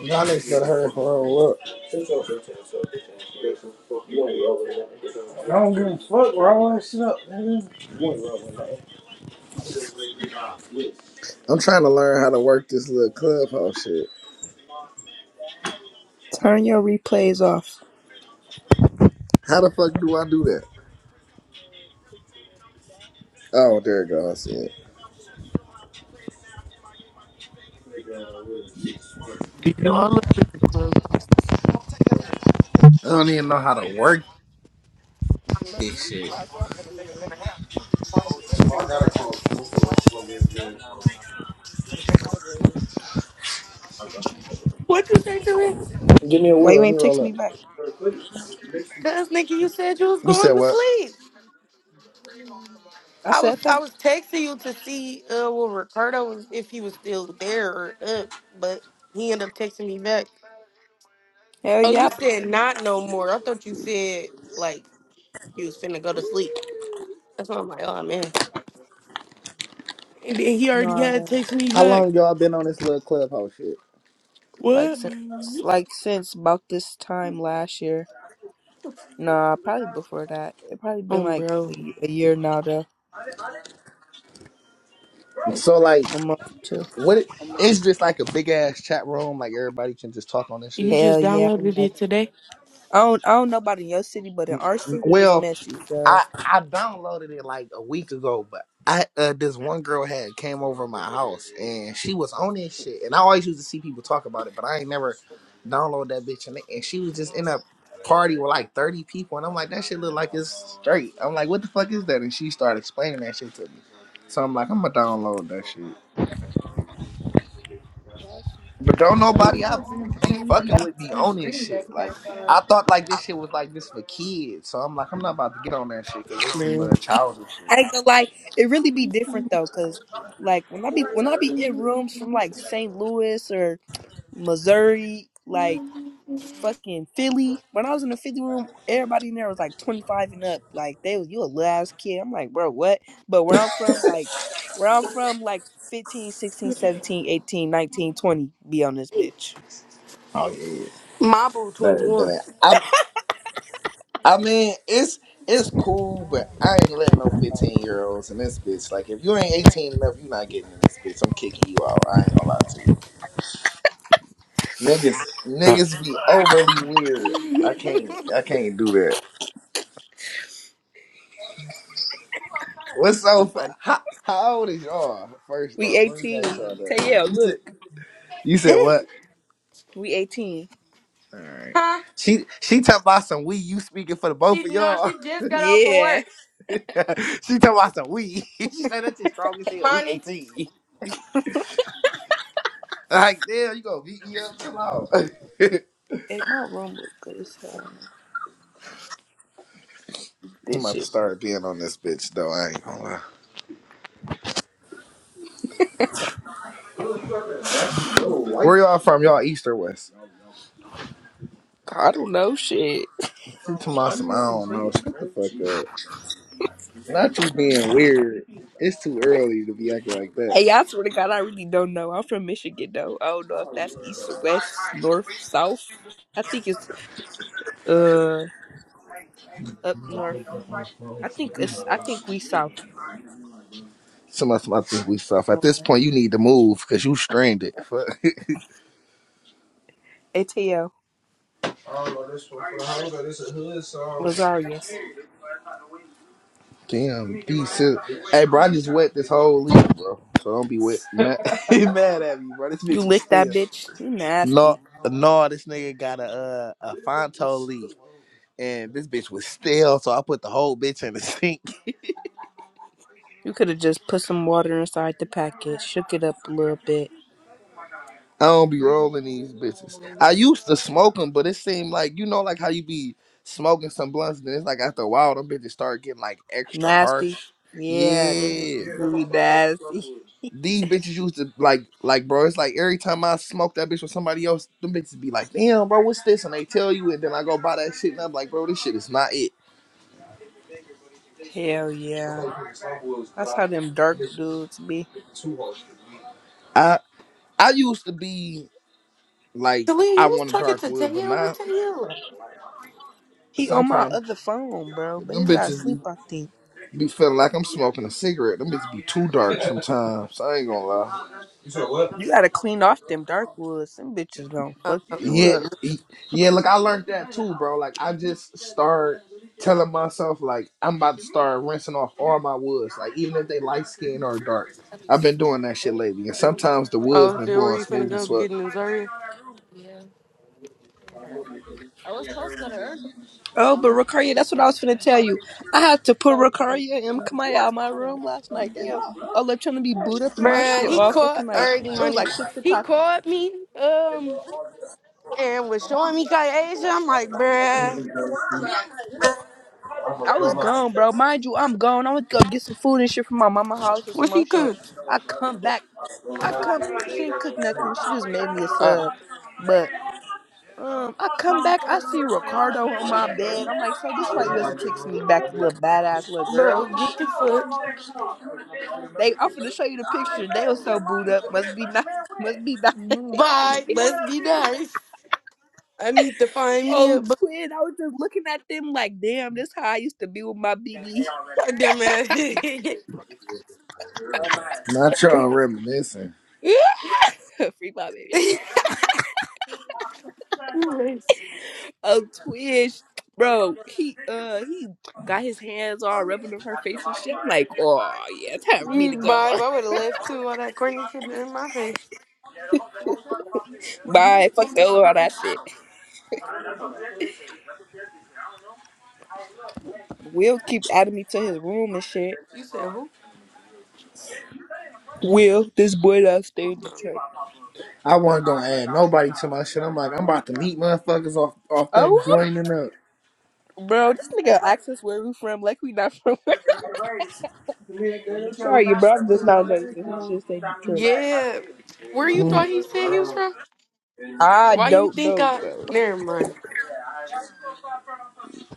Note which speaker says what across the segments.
Speaker 1: Y'all niggas gotta hurry up and roll up. don't give a fuck. Roll that shit up, nigga. I'm trying to learn how to work this little clubhouse shit.
Speaker 2: Turn your replays off.
Speaker 1: How the fuck do I do that? Oh, there it goes. I said.
Speaker 3: You know, I looked at the club.
Speaker 1: I don't even know how to work.
Speaker 3: What you say to him?
Speaker 2: Why you ain't text
Speaker 1: Hold
Speaker 2: me
Speaker 1: up.
Speaker 2: back?
Speaker 3: Cause Nikki, you said you was
Speaker 1: You said
Speaker 3: going to
Speaker 1: what?
Speaker 3: sleep.
Speaker 2: I
Speaker 3: I was
Speaker 2: said
Speaker 3: I
Speaker 2: that.
Speaker 3: was texting you to see uh well Ricardo was if he was still there or up, but he ended up texting me back.
Speaker 2: Hell
Speaker 3: Oh, you
Speaker 2: yep.
Speaker 3: said not no more. I thought you said like you was finna go to sleep. That's why I'm like, oh man. And then he
Speaker 2: No,
Speaker 3: already
Speaker 2: I
Speaker 3: had
Speaker 2: won't.
Speaker 3: text me
Speaker 1: How
Speaker 3: back.
Speaker 1: long y'all been on this little clubhouse shit?
Speaker 2: Like
Speaker 3: What?
Speaker 2: since like since about this time last year. Nah, probably before that. It probably been
Speaker 3: Um,
Speaker 2: like a,
Speaker 3: bro,
Speaker 2: y- a year now though.
Speaker 1: So like,
Speaker 2: a month or two.
Speaker 1: what? It, it's just like a big ass chat room. Like everybody can just talk on this
Speaker 3: you
Speaker 1: shit.
Speaker 2: Hell
Speaker 3: just
Speaker 2: yeah. I'm
Speaker 3: downloaded
Speaker 2: Like,
Speaker 3: it today,
Speaker 2: I don't I don't know about in your city, but in
Speaker 1: N-
Speaker 2: our
Speaker 1: n-
Speaker 2: city it's
Speaker 1: Well,
Speaker 2: messy, so
Speaker 1: I I downloaded it like a week ago, but I uh, this one girl had came over my house and she was on this shit, and I always used to see people talk about it, but I ain't never download that bitch, and, and she was just in a party with like thirty people, and I'm like that shit look like it's straight. I'm like, what the fuck is that? And she started explaining that shit to me, so I'm like, I'm gonna download that shit, but don't nobody I be fucking with be on this shit. Like I thought like this shit was like this for kids, so I'm like, I'm not about to get on that shit because it's some
Speaker 3: bro.
Speaker 1: little childish shit.
Speaker 2: I ain't gonna lie. it really be different though, cause like when I be when I be in rooms from like St. Louis or Missouri, like fucking Philly. When I was in the Philly room, everybody in there was like 25 and up. Like they was you a little ass kid. I'm like, bro, what? But where I'm from, like where I'm from, like 15, 16, 17, 18, 19, 20, be on this bitch.
Speaker 1: Oh yeah,
Speaker 3: Mabo twenty
Speaker 1: better but
Speaker 3: one.
Speaker 1: that. I I mean it's it's cool, but I ain't letting no fifteen year olds in this bitch. Like if you ain't eighteen enough, you not getting in this bitch. I'm kicking you out. I ain't gonna lie to you. Niggas niggas be overly weird. I can't I can't do that. What's so fu- how, how old is y'all? First
Speaker 2: We
Speaker 1: off, let me ask
Speaker 2: 18.
Speaker 1: y'all
Speaker 2: Tell yeah,
Speaker 1: that. You said
Speaker 2: look.
Speaker 1: you said what?
Speaker 2: We 18.
Speaker 1: All right.
Speaker 3: huh?
Speaker 1: She she talking about some we. You speaking for the both
Speaker 3: She
Speaker 1: of
Speaker 3: no,
Speaker 1: y'all.
Speaker 3: she just got off of
Speaker 2: Yeah.
Speaker 3: work.
Speaker 1: she talking about some we. she said that's as strong as hell. We
Speaker 3: Imani,
Speaker 1: eighteen. Like, there you go, to beat me up? Chill out. I'm
Speaker 2: And my room was good as hell. This
Speaker 1: about to
Speaker 2: shit.
Speaker 1: start being on this bitch though. I ain't gonna lie. Where y'all from? Y'all east or west?
Speaker 2: I don't know shit.
Speaker 1: From Tomasum, I don't know. Shut the fuck up. Not you being weird. It's too early to be acting like that.
Speaker 2: Hey, I swear to God, I really don't know. I'm from Michigan though. I don't know if that's east or west, north, south. I think it's uh up north. I think it's. I think we South.
Speaker 1: Tomasum, I think we soft. At this point, you need to move because you strained it. Fuck.
Speaker 2: ATL Lazarius.
Speaker 1: Damn, decent. Hey, bro, I just wet this whole leaf, bro. So don't be wet. Mad, mad at me, bro. This
Speaker 2: You
Speaker 1: bitch was
Speaker 2: licked that
Speaker 1: still.
Speaker 2: bitch. You
Speaker 1: No,
Speaker 2: nasty.
Speaker 1: no, this nigga got a uh, a Fonto leaf. and this bitch was stale, so I put the whole bitch in the sink.
Speaker 2: You could have just put some water inside the packet, shook it up a little bit.
Speaker 1: I don't be rolling these bitches. I used to smoke them, but it seemed like you know, like how you be smoking some blunts, and it's like after a while, them bitches start getting like extra
Speaker 2: Nasty.
Speaker 1: harsh.
Speaker 2: Yeah, them
Speaker 1: Yeah,
Speaker 2: bitches do be nasty.
Speaker 1: these bitches used to like, like, bro. It's like every time I smoke that bitch with somebody else, them bitches be like, "Damn, bro, what's this?" And they tell you, and then I go buy that shit, and I'm like, "Bro, this shit is not it."
Speaker 2: Hell yeah. That's how them dark dudes be.
Speaker 1: I I used to be like,
Speaker 3: Talia,
Speaker 1: I
Speaker 3: you was
Speaker 1: want a
Speaker 3: talking
Speaker 1: dark
Speaker 3: to
Speaker 1: wood, but
Speaker 3: Taylor or
Speaker 1: now
Speaker 3: Taylor?
Speaker 2: He on my
Speaker 1: sometimes
Speaker 2: other phone, bro, but
Speaker 1: them
Speaker 2: his ass
Speaker 1: bitches be
Speaker 2: sleep. I think
Speaker 1: Be feeling like I'm smoking a cigarette. Them bitches be too dark sometimes. I ain't gonna lie.
Speaker 2: you gotta clean off them dark woods. Them bitches gonna
Speaker 3: Uh,
Speaker 2: fuck you
Speaker 1: Yeah,
Speaker 2: up.
Speaker 1: e- yeah. Look, I learned that too, bro. Like I just start telling myself like I'm about to start rinsing off all my woods, like even if they light skin or dark. I've been doing that shit lately, and sometimes the woods
Speaker 3: oh, is
Speaker 1: been
Speaker 3: that where
Speaker 1: blowing
Speaker 3: you finna
Speaker 1: smooth
Speaker 3: go
Speaker 1: as fuck.
Speaker 3: get in Zaria?
Speaker 2: Oh, but Ricaria, that's what I was finna tell you. I had to put Ricaria and Kamaya out of my room last night. They all all up trying to be booed up in my
Speaker 3: Bruh,
Speaker 2: shit
Speaker 3: he
Speaker 2: all fucking
Speaker 3: caught
Speaker 2: like
Speaker 3: earning
Speaker 2: it was
Speaker 3: money.
Speaker 2: like six
Speaker 3: He
Speaker 2: o'clock.
Speaker 3: called me, um, and was showing me Kai Asia. I'm like, bruh,
Speaker 2: I was gone, bro. Mind you, I'm gone. I went to go get some food and shit from my mama house or some
Speaker 3: what she
Speaker 2: more shit.
Speaker 3: cook?
Speaker 2: I come back. I come she didn't cook nothing. She just made me a
Speaker 3: Oh,
Speaker 2: sub. But um I come back, I see Ricardo on my bed. I'm like, so this why you wasn't texting me back, little badass little girl.
Speaker 3: bro, get the fuck.
Speaker 2: They I'm finna show you the picture. They was so booed up. Must be nice. Must be nice.
Speaker 3: Bye. Let's be nice. I need to find me a
Speaker 2: Oh,
Speaker 3: bu-
Speaker 2: twin, I was just looking at them like, damn, this how I used to be with my BB.
Speaker 3: goddamn ass.
Speaker 1: Not y'all reminiscing.
Speaker 2: Free my baby.
Speaker 3: You lazy.
Speaker 2: Oh, twin, sh- bro, he uh he got his hands all rubbing on her face and shit. I'm like, oh yeah, time for me to
Speaker 3: You
Speaker 2: go.
Speaker 3: Bye. I would have left too. All that corny shit in my face.
Speaker 2: Bye, fuck the all that shit. Will keep adding me to his room and shit.
Speaker 3: You said who?
Speaker 2: Will, this boy that stay in Detroit.
Speaker 1: I wasn't gonna add nobody to my shit. I'm like, I'm about to meet motherfuckers off off them
Speaker 2: Oh, i
Speaker 1: joining up.
Speaker 2: bro, this nigga asked us where we from, like we not from. Sorry, bro, I'm just not noticing. His shit say Detroit.
Speaker 3: Yeah. Where you thought he said he was from?
Speaker 2: I
Speaker 3: Why you
Speaker 2: don't
Speaker 3: think
Speaker 2: know,
Speaker 3: I?
Speaker 2: bro.
Speaker 3: Never mind,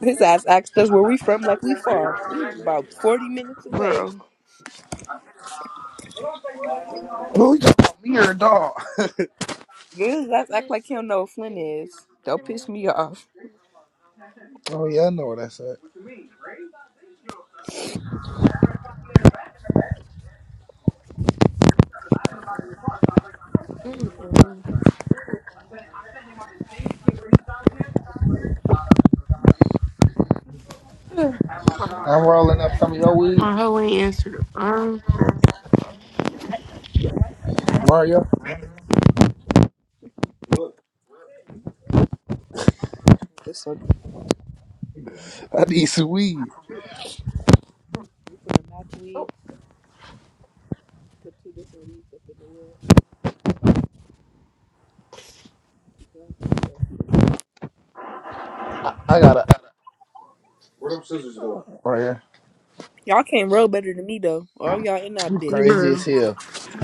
Speaker 2: His ass asked us where we from, like we far. We about forty minutes away.
Speaker 3: bro.
Speaker 1: Who you talking about, me or a dog?
Speaker 2: His ass act like he don't know where Flynn is. Don't piss me off.
Speaker 1: oh yeah, I know what that's at.
Speaker 3: Mm-mm. Ugh, My,
Speaker 1: I'm rolling up some of your weed.
Speaker 3: my hoe ain't answered the phone.
Speaker 1: Mario,
Speaker 2: This one.
Speaker 1: I need some weed.
Speaker 2: We from the match weed
Speaker 3: Oh.
Speaker 2: with two different weeds up in the world. so.
Speaker 1: I, I gotta. Mario,
Speaker 2: Y'all can't roll better than me though. All y'all in that
Speaker 1: you
Speaker 2: bitch.
Speaker 1: crazy as
Speaker 3: Bro,
Speaker 1: hell.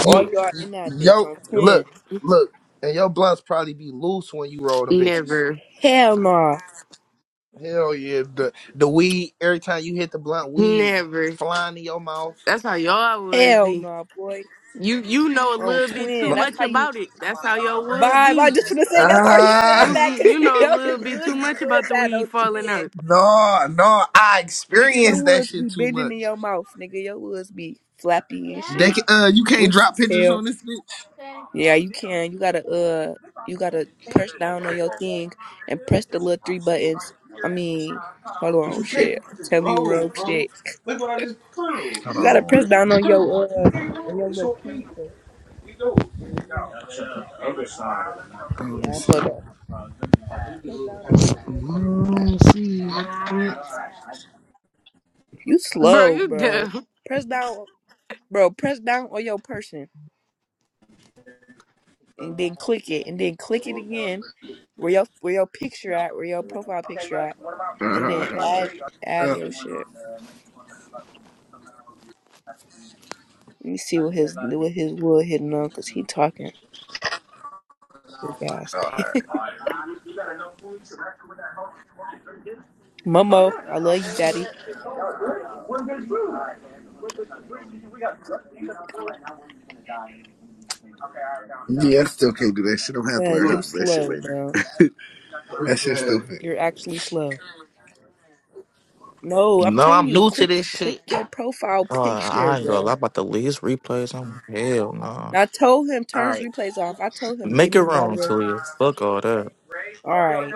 Speaker 2: All
Speaker 1: You,
Speaker 2: y'all in that bitch
Speaker 1: yo,
Speaker 2: on twin.
Speaker 1: look, look, and your blunts probably be loose when you roll them bitches.
Speaker 3: never,
Speaker 2: Hell nah.
Speaker 1: Hell yeah, the the weed. Every time you hit the blunt, weed
Speaker 3: never.
Speaker 1: flying in your mouth.
Speaker 3: That's how y'all would
Speaker 2: Hell
Speaker 3: be.
Speaker 2: nah, boy.
Speaker 3: You you know a
Speaker 2: On
Speaker 3: little bit too
Speaker 2: twin.
Speaker 1: My-
Speaker 2: That's
Speaker 3: much
Speaker 2: how you
Speaker 3: about it. That's how y'all would
Speaker 2: vibe. I
Speaker 3: be.
Speaker 2: just wanna say that's how he saying
Speaker 1: Ah,
Speaker 3: You
Speaker 2: that because
Speaker 3: you
Speaker 2: he
Speaker 3: know a
Speaker 2: know
Speaker 3: little
Speaker 2: his
Speaker 3: bit too
Speaker 2: woods be
Speaker 3: much about
Speaker 2: doing
Speaker 3: the
Speaker 2: that
Speaker 3: weed
Speaker 2: on
Speaker 3: falling
Speaker 2: twin.
Speaker 3: out,
Speaker 1: no, no, I
Speaker 2: Nigga, your
Speaker 1: experienced that
Speaker 2: woods be
Speaker 1: shit too
Speaker 2: bending in
Speaker 1: much.
Speaker 2: your mouth. Nigga, your woods be flappy and
Speaker 1: They
Speaker 2: shit.
Speaker 1: can, uh, you can't
Speaker 2: Loose
Speaker 1: drop
Speaker 2: as
Speaker 1: pictures
Speaker 2: hell.
Speaker 1: on this bitch.
Speaker 2: Yeah, you can. You gotta uh you gotta press down on your thing and press the little three buttons. I mean, hold on, shit. I'm telling you real shit. You gotta press down on your uh on your little key. Yeah, hold on. Press down on your
Speaker 1: Mm,
Speaker 2: You
Speaker 3: bro.
Speaker 2: slow,
Speaker 3: You
Speaker 2: bro.
Speaker 3: dumb.
Speaker 2: Press down bro, press down on your person. and then click it and then click it again where your where your picture at where your profile picture at and then add add your shit let me see what his what his wood hitting on because he talking Big ass
Speaker 1: uh,
Speaker 2: momo i love you daddy
Speaker 1: Yeah, I still can't do that shit. I'm gonna have to learn
Speaker 2: because you
Speaker 1: how to do that shit
Speaker 2: slow
Speaker 1: later.
Speaker 2: bro you're actually slow no i'm
Speaker 1: No,
Speaker 2: telling
Speaker 1: I'm
Speaker 2: you
Speaker 1: new to
Speaker 2: click
Speaker 1: this
Speaker 2: click
Speaker 1: shit.
Speaker 2: your profile
Speaker 4: Uh,
Speaker 2: picture
Speaker 4: I ain't gonna lie
Speaker 2: bro
Speaker 4: about the least replays. I'm hell no.
Speaker 2: i told him
Speaker 1: All
Speaker 2: turn his
Speaker 1: right.
Speaker 2: replays off i told him give
Speaker 4: Make it
Speaker 2: me
Speaker 4: wrong,
Speaker 2: moderator
Speaker 4: Talia. Fuck all that.
Speaker 2: all right